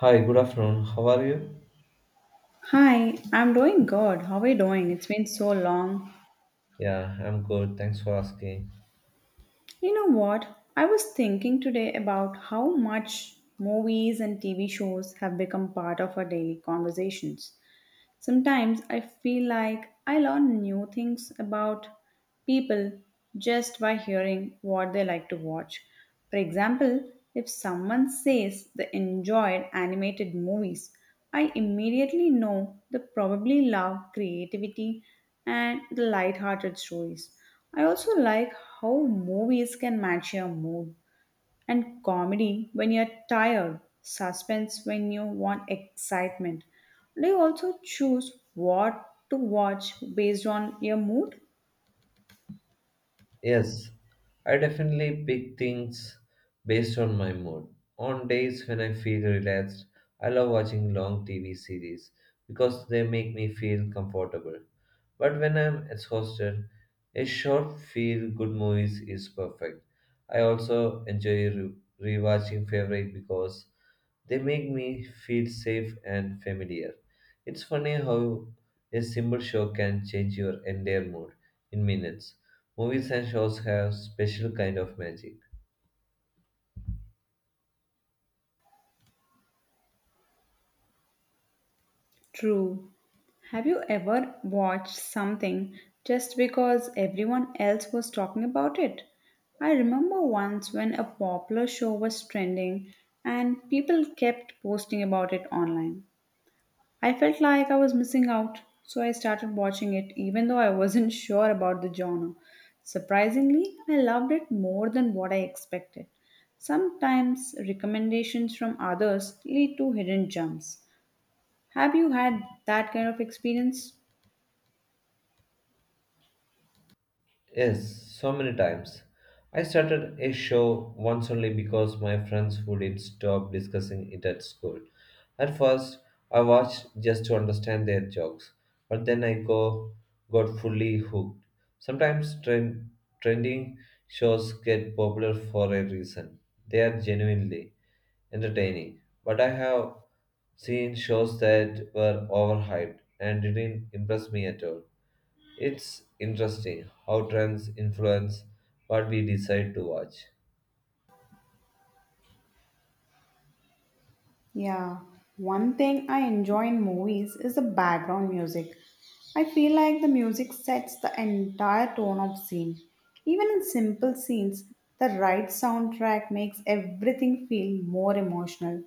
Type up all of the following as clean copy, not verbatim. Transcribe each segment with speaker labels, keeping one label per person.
Speaker 1: Hi, good afternoon. How are you?
Speaker 2: Hi, I'm doing good. How are you doing? It's been so long.
Speaker 1: Yeah, I'm good. Thanks for asking.
Speaker 2: You know what? I was thinking today about how much movies and TV shows have become part of our daily conversations. Sometimes I feel like I learn new things about people just by hearing what they like to watch. For example, if someone says they enjoyed animated movies, I immediately know they probably love creativity and the light-hearted stories. I also like how movies can match your mood and comedy when you're tired, suspense when you want excitement. Do you also choose what to watch based on your mood?
Speaker 1: Yes, I definitely pick things based on my mood. On days when I feel relaxed, I love watching long TV series because they make me feel comfortable. But when I'm exhausted, a short feel good movies is perfect. I also enjoy rewatching favorite because they make me feel safe and familiar. It's funny how a simple show can change your entire mood in minutes. Movies and shows have special kind of magic.
Speaker 2: True. Have you ever watched something just because everyone else was talking about it? I remember once when a popular show was trending and people kept posting about it online. I felt like I was missing out, so I started watching it even though I wasn't sure about the genre. Surprisingly, I loved it more than what I expected. Sometimes recommendations from others lead to hidden gems. Have you had that kind of experience?
Speaker 1: Yes, so many times. I started a show once only because my friends wouldn't stop discussing it at school. At first, I watched just to understand their jokes, but then I go got fully hooked. Sometimes trending shows get popular for a reason. They are genuinely entertaining, but I have seen shows that were overhyped and didn't impress me at all. It's interesting how trends influence what we decide to watch.
Speaker 2: Yeah, one thing I enjoy in movies is the background music. I feel like the music sets the entire tone of scene. Even in simple scenes, the right soundtrack makes everything feel more emotional.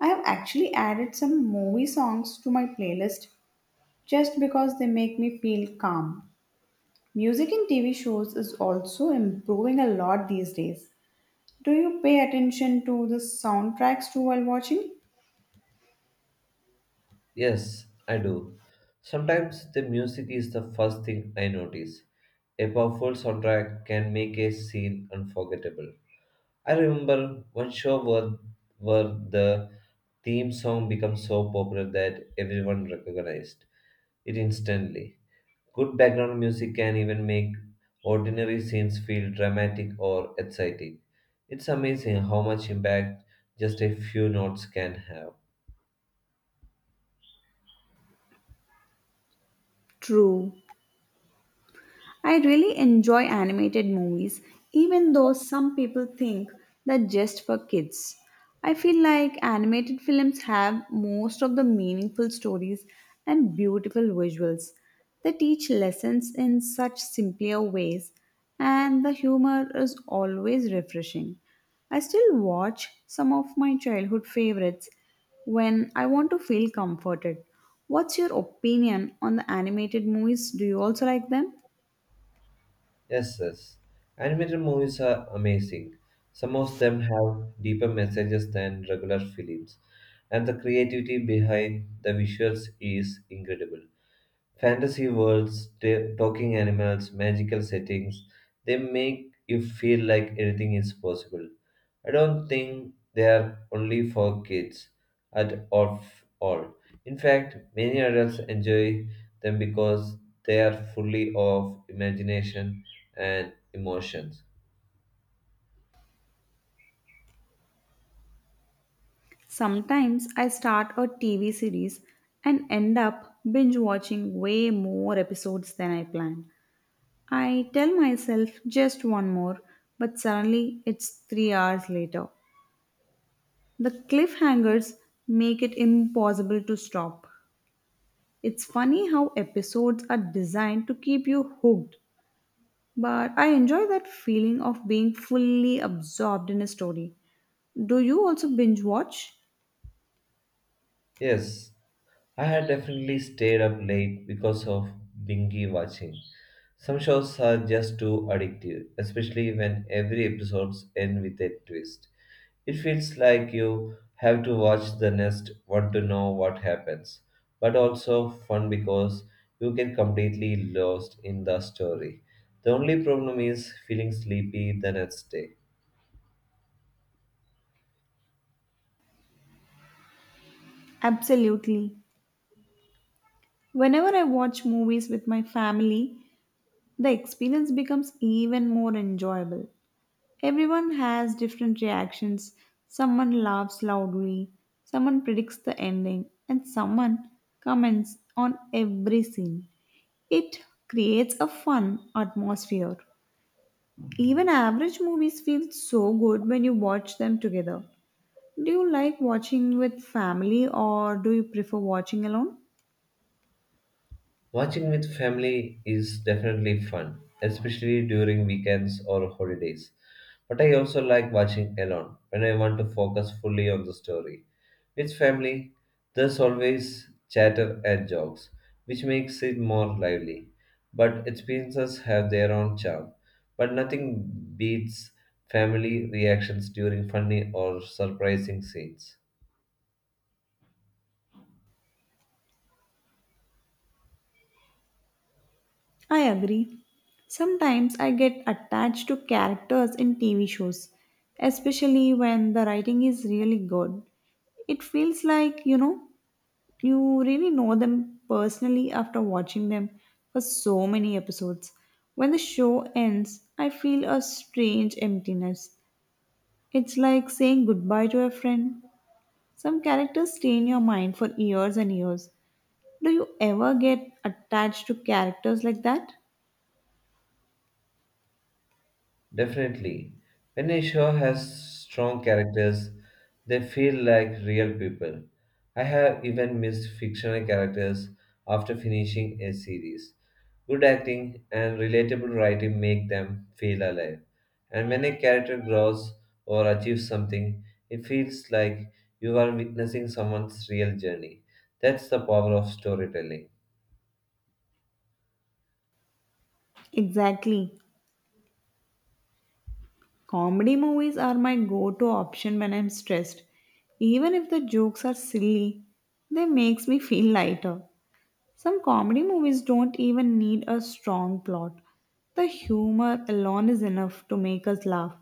Speaker 2: I have actually added some movie songs to my playlist just because they make me feel calm. Music in TV shows is also improving a lot these days. Do you pay attention to the soundtracks too while watching?
Speaker 1: Yes, I do. Sometimes the music is the first thing I notice. A powerful soundtrack can make a scene unforgettable. I remember one show where the theme song became so popular that everyone recognized it instantly. Good background music can even make ordinary scenes feel dramatic or exciting. It's amazing how much impact just a few notes can have.
Speaker 2: True. I really enjoy animated movies, even though some people think they're just for kids. I feel like animated films have most of the meaningful stories and beautiful visuals. They teach lessons in such simpler ways, and the humor is always refreshing. I still watch some of my childhood favorites when I want to feel comforted. What's your opinion on the animated movies? Do you also like them?
Speaker 1: Yes, yes. Animated movies are amazing. Some of them have deeper messages than regular films, and the creativity behind the visuals is incredible. Fantasy worlds, talking animals, magical settings, they make you feel like anything is possible. I don't think they're only for kids at all. In fact, many adults enjoy them because they are fully of imagination and emotions.
Speaker 2: Sometimes I start a TV series and end up binge watching way more episodes than I planned. I tell myself just one more, but suddenly it's 3 hours later. The cliffhangers make it impossible to stop. It's funny how episodes are designed to keep you hooked, but I enjoy that feeling of being fully absorbed in a story. Do you also binge watch?
Speaker 1: Yes, I had definitely stayed up late because of binge watching. Some shows are just too addictive, especially when every episode ends with a twist. It feels like you have to watch the next one to know what happens, but also fun because you get completely lost in the story. The only problem is feeling sleepy the next day.
Speaker 2: Absolutely. Whenever I watch movies with my family, the experience becomes even more enjoyable. Everyone has different reactions. Someone laughs loudly, someone predicts the ending, and someone comments on every scene. It creates a fun atmosphere. Even average movies feel so good when you watch them together. Do you like watching with family or do you prefer watching alone?
Speaker 1: Watching with family is definitely fun, especially during weekends or holidays. But I also like watching alone when I want to focus fully on the story. With family, there's always chatter and jokes, which makes it more lively. But experiences have their own charm. But nothing beats family reactions during funny or surprising scenes.
Speaker 2: I agree. Sometimes I get attached to characters in TV shows, especially when the writing is really good. It feels like, you really know them personally after watching them for so many episodes. When the show ends, I feel a strange emptiness. It's like saying goodbye to a friend. Some characters stay in your mind for years and years. Do you ever get attached to characters like that?
Speaker 1: Definitely. When a show has strong characters, they feel like real people. I have even missed fictional characters after finishing a series. Good acting and relatable writing make them feel alive. And when a character grows or achieves something, it feels like you are witnessing someone's real journey. That's the power of storytelling.
Speaker 2: Exactly. Comedy movies are my go to option when I'm stressed. Even if the jokes are silly, they makes me feel lighter. Some comedy movies don't even need a strong plot. The humor alone is enough to make us laugh.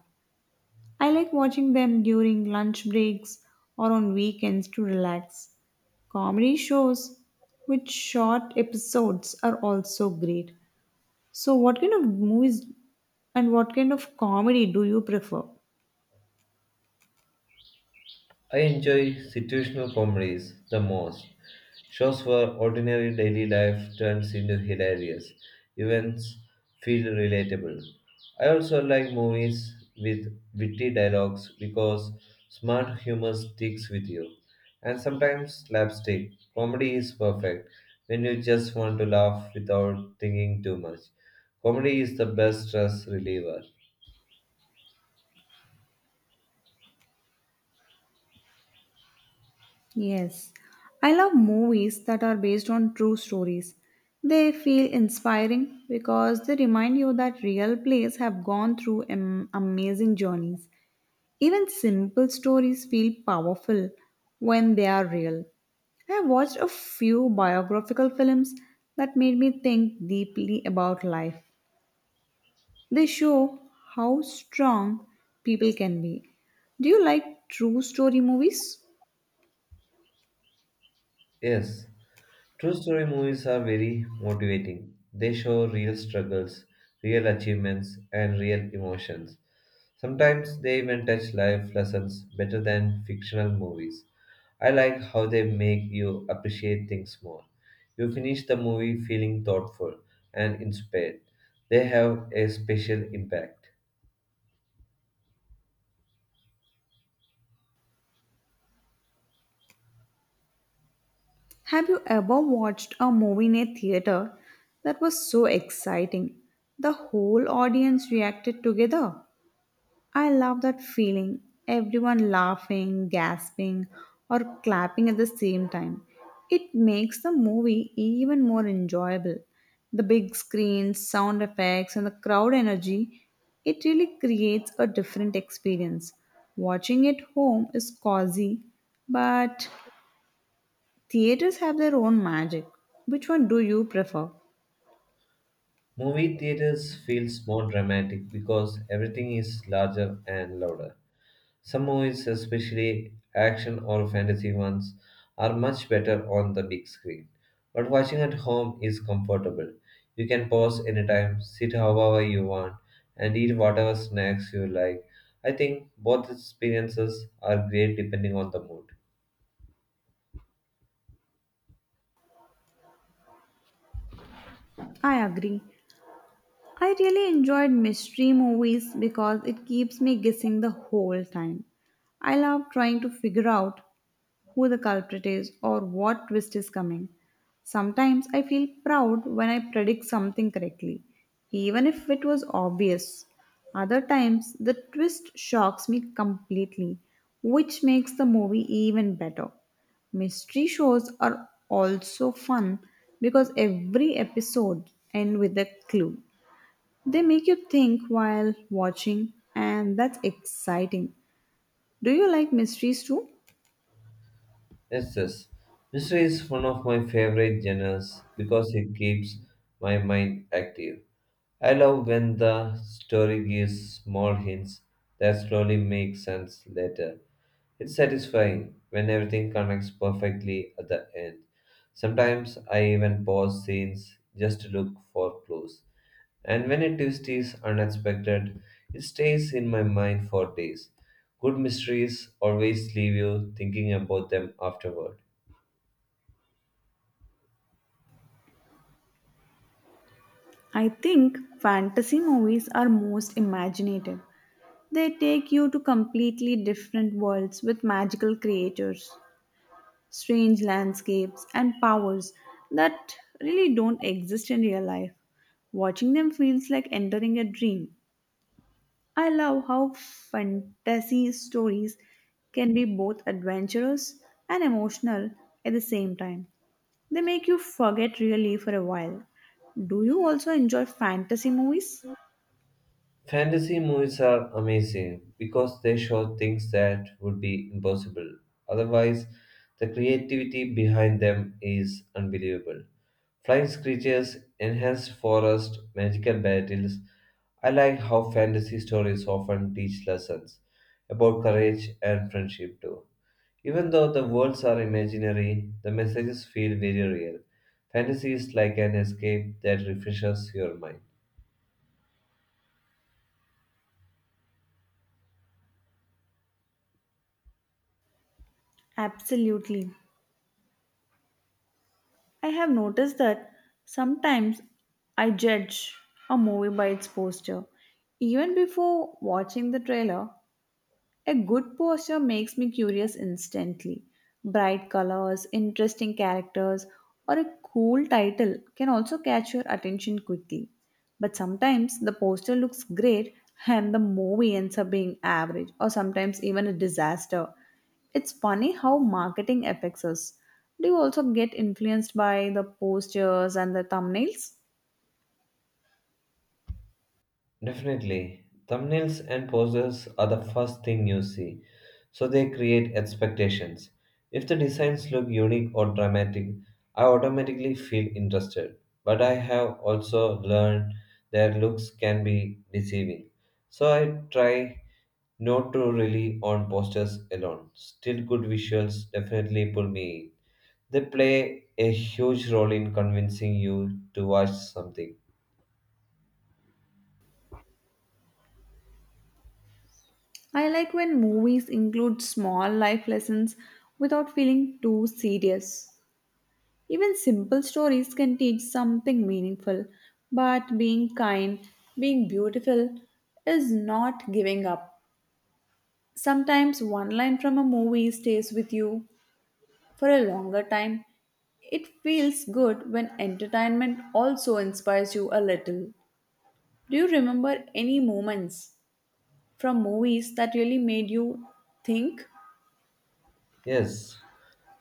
Speaker 2: I like watching them during lunch breaks or on weekends to relax. Comedy shows with short episodes are also great. So what kind of movies and what kind of comedy do you prefer?
Speaker 1: I enjoy situational comedies the most. Shows where ordinary daily life turns into hilarious events feel relatable. I also like movies with witty dialogues because smart humor sticks with you. And sometimes slapstick. Comedy is perfect when you just want to laugh without thinking too much. Comedy is the best stress reliever.
Speaker 2: Yes, I love movies that are based on true stories. They feel inspiring because they remind you that real plays have gone through amazing journeys. Even simple stories feel powerful when they are real. I have watched a few biographical films that made me think deeply about life. They show how strong people can be. Do you like true story movies?
Speaker 1: Yes. True story movies are very motivating. They show real struggles, real achievements, and real emotions. Sometimes they even touch life lessons better than fictional movies. I like how they make you appreciate things more. You finish the movie feeling thoughtful and inspired. They have a special impact.
Speaker 2: Have you ever watched a movie in a theater that was so exciting? The whole audience reacted together. I love that feeling. Everyone laughing, gasping, or clapping at the same time. It makes the movie even more enjoyable. The big screen, sound effects, and the crowd energy, it really creates a different experience. Watching it home is cozy, but theaters have their own magic. Which one do you prefer?
Speaker 1: Movie theaters feels more dramatic because everything is larger and louder. Some movies, especially action or fantasy ones, are much better on the big screen. But watching at home is comfortable. You can pause anytime, sit however you want, and eat whatever snacks you like. I think both experiences are great depending on the mood.
Speaker 2: I agree. I really enjoyed mystery movies because it keeps me guessing the whole time. I love trying to figure out who the culprit is, or what twist is coming. Sometimes I feel proud when I predict something correctly, even if it was obvious. Other times, the twist shocks me completely, which makes the movie even better. Mystery shows are also fun because every episode ends with a clue. They make you think while watching, and that's exciting. Do you like mysteries too?
Speaker 1: Yes, yes. Mystery is one of my favorite genres because it keeps my mind active. I love when the story gives small hints that slowly make sense later. It's satisfying when everything connects perfectly at the end. Sometimes I even pause scenes just to look for clues. And when a twist is unexpected, it stays in my mind for days. Good mysteries always leave you thinking about them afterward.
Speaker 2: I think fantasy movies are most imaginative. They take you to completely different worlds with magical creatures, strange landscapes, and powers that really don't exist in real life. Watching them feels like entering a dream. I love how fantasy stories can be both adventurous and emotional at the same time. They make you forget really for a while. Do you also enjoy fantasy movies?
Speaker 1: Fantasy movies are amazing because they show things that would be impossible. Otherwise, the creativity behind them is unbelievable. Flying creatures, enhanced forest, magical battles. I like how fantasy stories often teach lessons about courage and friendship too. Even though the worlds are imaginary, the messages feel very real. Fantasy is like an escape that refreshes your mind.
Speaker 2: Absolutely. I have noticed that sometimes I judge a movie by its poster. Even before watching the trailer, a good posture makes me curious instantly. Bright colors, interesting characters, or a cool title can also catch your attention quickly. But sometimes the poster looks great and the movie ends up being average or sometimes even a disaster. It's funny how marketing affects us. Do you also get influenced by the posters and the thumbnails?
Speaker 1: Definitely. Thumbnails and poses are the first thing you see, so they create expectations. If the designs look unique or dramatic, I automatically feel interested. But I have also learned their looks can be deceiving. So I try not to rely on posters alone. Still, good visuals definitely pull me in. They play a huge role in convincing you to watch something.
Speaker 2: I like when movies include small life lessons without feeling too serious. Even simple stories can teach something meaningful, but being kind, being beautiful is not giving up. Sometimes one line from a movie stays with you for a longer time. It feels good when entertainment also inspires you a little. Do you remember any moments from movies that really made you think?
Speaker 1: Yes,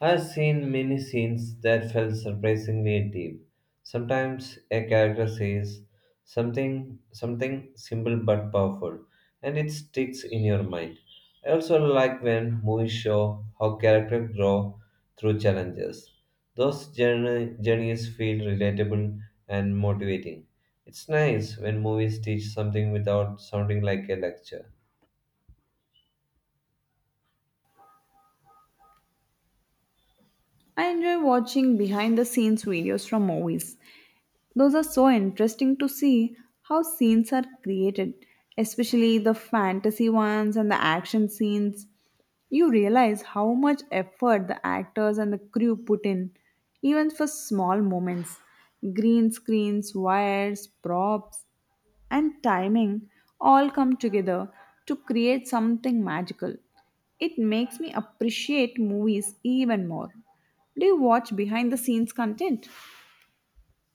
Speaker 1: I've seen many scenes that felt surprisingly deep. Sometimes a character says something simple but powerful, and it sticks in your mind. I also like when movies show how characters grow through challenges. Those journeys feel relatable and motivating. It's nice when movies teach something without sounding like a lecture.
Speaker 2: I enjoy watching behind the scenes videos from movies. Those are so interesting to see how scenes are created, especially the fantasy ones and the action scenes. You realize how much effort the actors and the crew put in, even for small moments. Green screens, wires, props, and timing all come together to create something magical. It makes me appreciate movies even more. Do you watch behind the scenes content?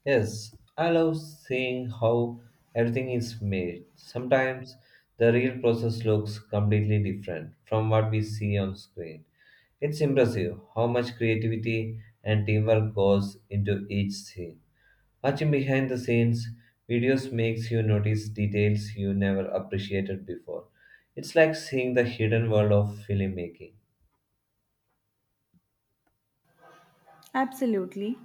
Speaker 1: Yes, I love seeing how everything is made. Sometimes the real process looks completely different from what we see on screen. It's impressive how much creativity and teamwork goes into each scene. Watching behind the scenes videos makes you notice details you never appreciated before. It's like seeing the hidden world of filmmaking.
Speaker 2: Absolutely.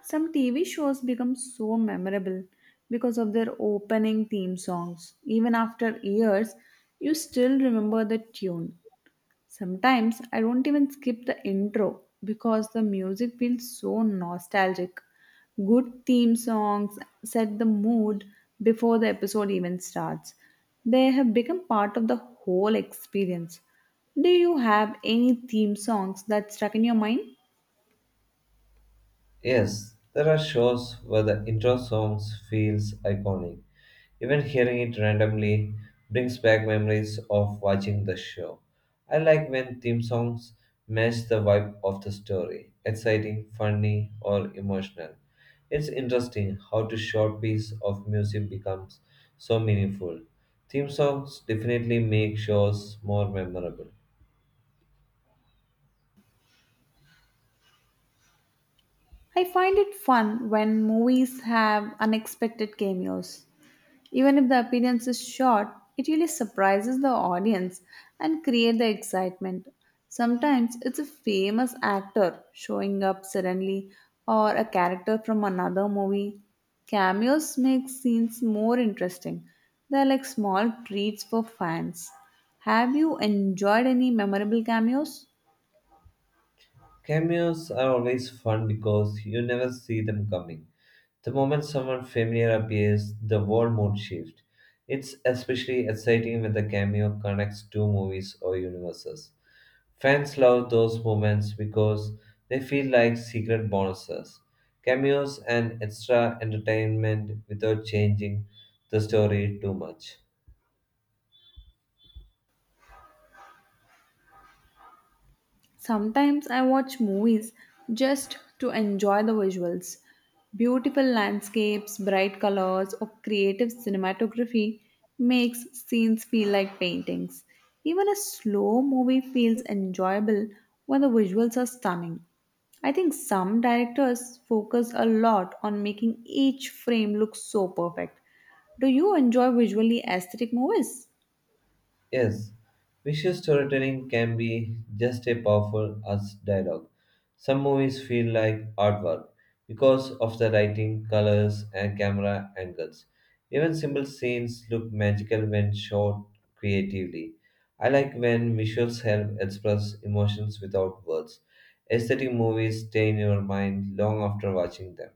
Speaker 2: Some TV shows become so memorable because of their opening theme songs. Even after years, you still remember the tune. Sometimes I don't even skip the intro because the music feels so nostalgic. Good theme songs set the mood before the episode even starts. They have become part of the whole experience. Do you have any theme songs that stuck in your mind?
Speaker 1: Yes, there are shows where the intro songs feels iconic. Even hearing it randomly brings back memories of watching the show. I like when theme songs match the vibe of the story exciting, funny, or emotional. It's interesting how a short piece of music becomes so meaningful. Theme songs definitely make shows more memorable.
Speaker 2: I find it fun when movies have unexpected cameos. Even if the appearance is short, it really surprises the audience and create the excitement. Sometimes it's a famous actor showing up suddenly or a character from another movie. Cameos make scenes more interesting. They're like small treats for fans. Have you enjoyed any memorable cameos?
Speaker 1: Cameos are always fun because you never see them coming. The moment someone familiar appears, the whole mood shifts. It's especially exciting when the cameo connects two movies or universes. Fans love those moments because they feel like secret bonuses. Cameos and extra entertainment without changing the story too much.
Speaker 2: Sometimes I watch movies just to enjoy the visuals. Beautiful landscapes, bright colors, or creative cinematography makes scenes feel like paintings. Even a slow movie feels enjoyable when the visuals are stunning. I think some directors focus a lot on making each frame look so perfect. Do you enjoy visually aesthetic movies?
Speaker 1: Yes, visual storytelling can be just as powerful as dialogue. Some movies feel like artwork because of the lighting, colors, and camera angles. Even simple scenes look magical when shot creatively. I like when visuals help express emotions without words. Aesthetic movies stay in your mind long after watching them.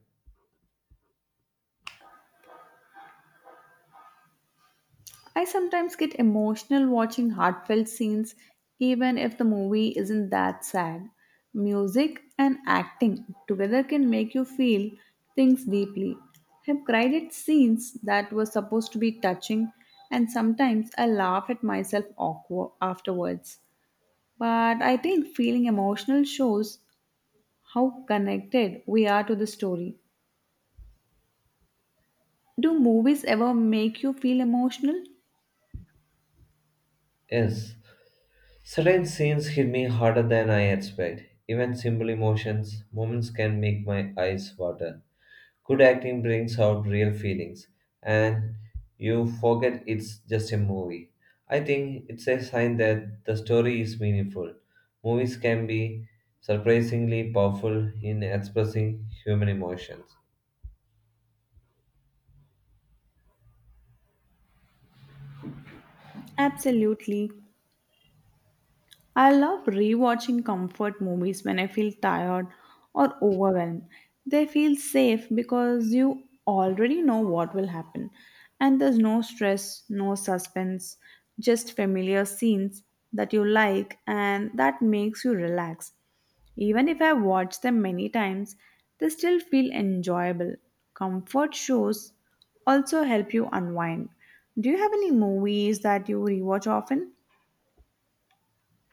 Speaker 2: I sometimes get emotional watching heartfelt scenes, even if the movie isn't that sad. Music and acting together can make you feel things deeply. I've cried at scenes that were supposed to be touching, and sometimes I laugh at myself awkward afterwards. But I think feeling emotional shows how connected we are to the story. Do movies ever make you feel emotional?
Speaker 1: Yes, certain scenes hit me harder than I expect. Even simple emotions, moments can make my eyes water. Good acting brings out real feelings, and you forget it's just a movie. I think it's a sign that the story is meaningful. Movies can be surprisingly powerful in expressing human emotions.
Speaker 2: Absolutely. I love rewatching comfort movies when I feel tired or overwhelmed. They feel safe because you already know what will happen. And there's no stress, no suspense, just familiar scenes that you like and that makes you relax. Even if I watch them many times, they still feel enjoyable. Comfort shows also help you unwind. Do you have any movies that you rewatch often?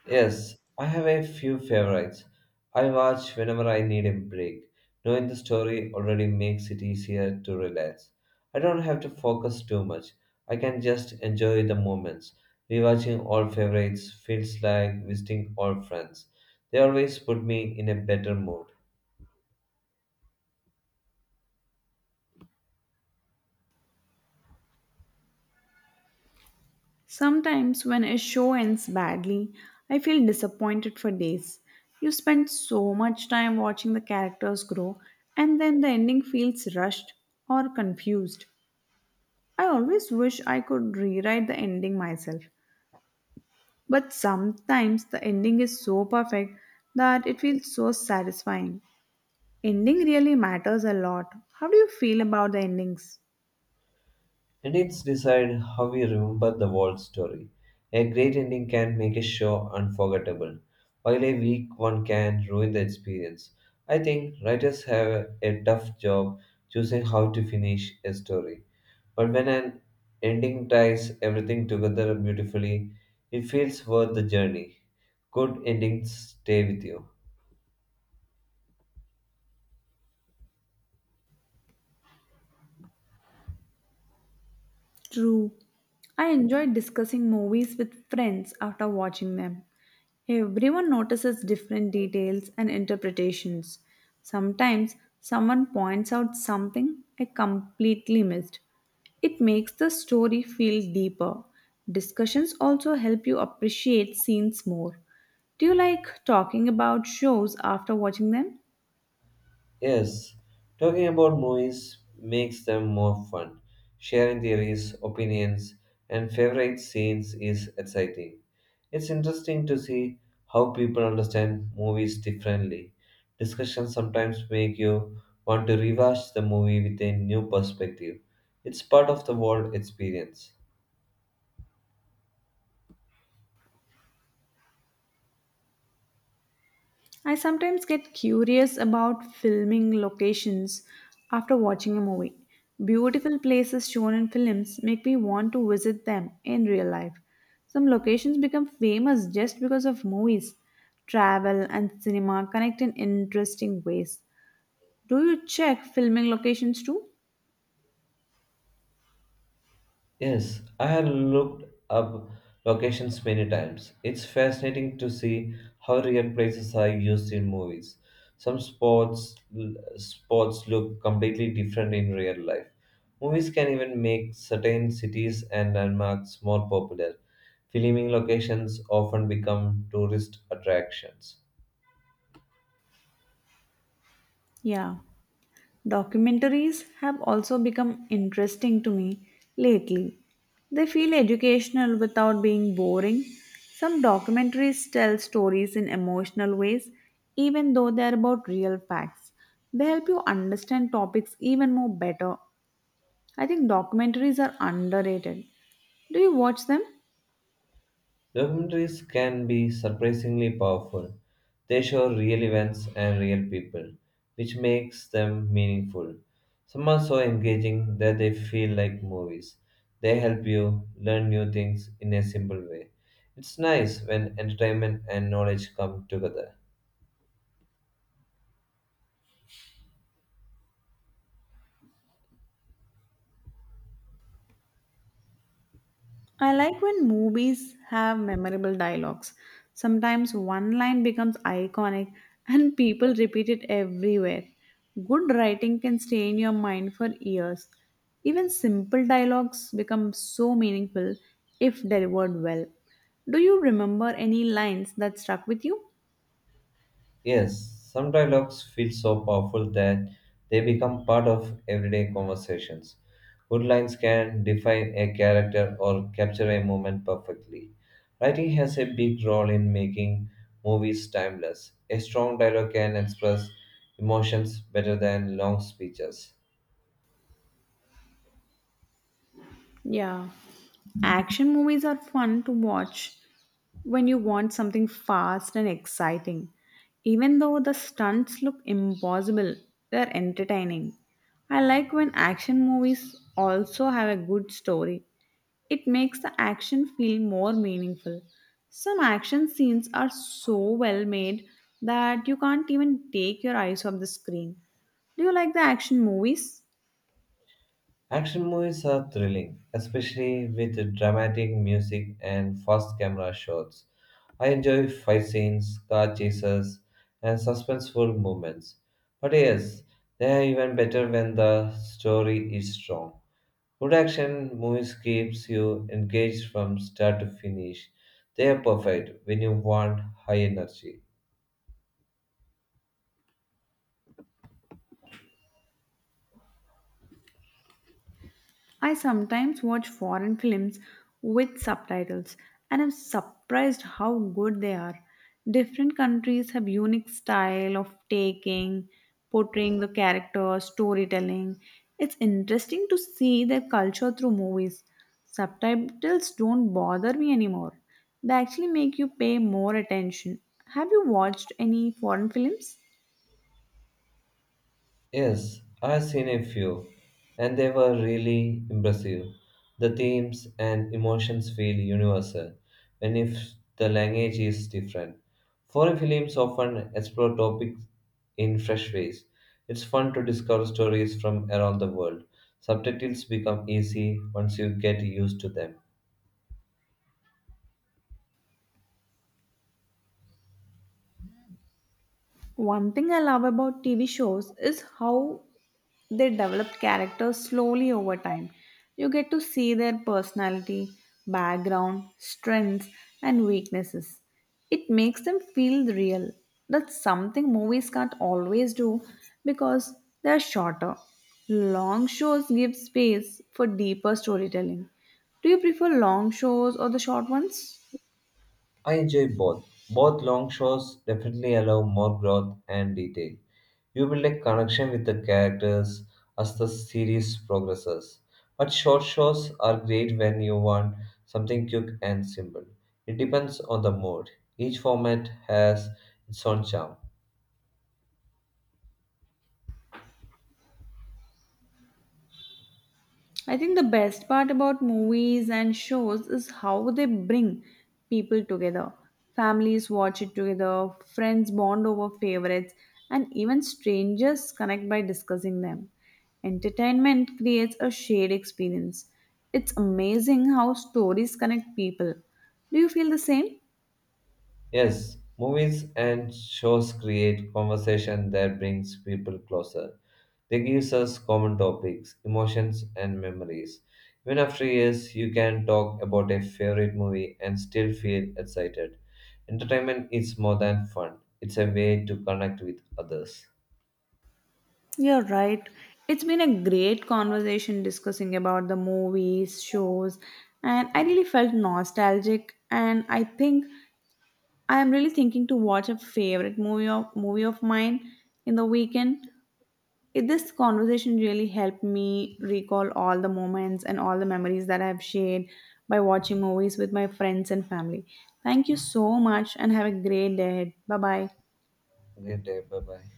Speaker 1: Yes, I have a few favorites. I watch whenever I need a break. Knowing the story already makes it easier to relax. I don't have to focus too much. I can just enjoy the moments. Rewatching old favorites feels like visiting old friends. They always put me in a better mood.
Speaker 2: Sometimes, when a show ends badly, I feel disappointed for days. You spend so much time watching the characters grow, and then the ending feels rushed or confused. I always wish I could rewrite the ending myself, but sometimes the ending is so perfect that it feels so satisfying. Ending really matters a lot. How do you feel about the endings?
Speaker 1: Edits decide how we remember the whole story. A great ending can make a show unforgettable, while a weak one can ruin the experience. I think writers have a tough job choosing how to finish a story. But when an ending ties everything together beautifully, it feels worth the journey. Good endings stay with you.
Speaker 2: True. I enjoy discussing movies with friends after watching them. Everyone notices different details and interpretations. Sometimes someone points out something I completely missed. It makes the story feel deeper. Discussions also help you appreciate scenes more. Do you like talking about shows after watching them?
Speaker 1: Yes, talking about movies makes them more fun. Sharing theories, opinions, and favorite scenes is exciting. It's interesting to see how people understand movies differently. Discussions sometimes make you want to rewatch the movie with a new perspective. It's part of the world experience.
Speaker 2: I sometimes get curious about filming locations after watching a movie. Beautiful places shown in films make me want to visit them in real life. Some locations become famous just because of movies. Travel and cinema connect in interesting ways. Do you check filming locations too?
Speaker 1: Yes, I have looked up locations many times. It's fascinating to see how real places are used in movies. Some sports spots look completely different in real life. Movies can even make certain cities and landmarks more popular. Filming locations often become tourist attractions.
Speaker 2: Yeah. Documentaries have also become interesting to me lately. They feel educational without being boring. Some documentaries tell stories in emotional ways, even though they are about real facts. They help you understand topics even more better. I think documentaries are underrated. Do you watch them?
Speaker 1: Documentaries can be surprisingly powerful. They show real events and real people, which makes them meaningful. Some are so engaging that they feel like movies. They help you learn new things in a simple way. It's nice when entertainment and knowledge come together.
Speaker 2: I like when movies have memorable dialogues. Sometimes one line becomes iconic and people repeat it everywhere. Good writing can stay in your mind for years. Even simple dialogues become so meaningful if delivered well. Do you remember any lines that stuck with you?
Speaker 1: Yes, some dialogues feel so powerful that they become part of everyday conversations. Good lines can define a character or capture a moment perfectly. Writing has a big role in making movies timeless. A strong dialogue can express emotions better than long speeches.
Speaker 2: Yeah. Action movies are fun to watch when you want something fast and exciting. Even though the stunts look impossible, they're entertaining. I like when action movies also have a good story. It makes the action feel more meaningful. Some action scenes are so well made that you can't even take your eyes off the screen. Do you like the action movies?
Speaker 1: Action movies are thrilling, especially with dramatic music and fast camera shots. I enjoy fight scenes, car chases, and suspenseful moments. But yes, they are even better when the story is strong. Good action movies keeps you engaged from start to finish. They are perfect when you want high energy.
Speaker 2: I sometimes watch foreign films with subtitles and I'm surprised how good they are. Different countries have unique style of taking, portraying the characters, storytelling. It's interesting to see their culture through movies. Subtitles don't bother me anymore. They actually make you pay more attention. Have you watched any foreign films?
Speaker 1: Yes, I've seen a few, and they were really impressive. The themes and emotions feel universal, even if the language is different. Foreign films often explore topics in fresh ways. It's fun to discover stories from around the world. Subtitles become easy once you get used to them.
Speaker 2: One thing I love about TV shows is how they develop characters slowly over time. You get to see their personality, background, strengths, and weaknesses. It makes them feel real. That's something movies can't always do because they're shorter. Long shows give space for deeper storytelling. Do you prefer long shows or the short ones?
Speaker 1: I enjoy both. Both long shows definitely allow more growth and detail. You build a connection with the characters as the series progresses. But short shows are great when you want something quick and simple. It depends on the mood. Each format has its own charm.
Speaker 2: I think the best part about movies and shows is how they bring people together. Families watch it together, friends bond over favorites, and even strangers connect by discussing them. Entertainment creates a shared experience. It's amazing how stories connect people. Do you feel the same?
Speaker 1: Yes, movies and shows create conversation that brings people closer. They gives us common topics, emotions, and memories. Even after years, you can talk about a favorite movie and still feel excited. Entertainment is more than fun; it's a way to connect with others.
Speaker 2: You're right. It's been a great conversation discussing about the movies, shows, and I really felt nostalgic. And I think I am really thinking to watch a favorite movie of mine in the weekend. This conversation really helped me recall all the moments and all the memories that I've shared by watching movies with my friends and family. Thank you so much and have a great day. Bye bye.
Speaker 1: Great day, bye bye.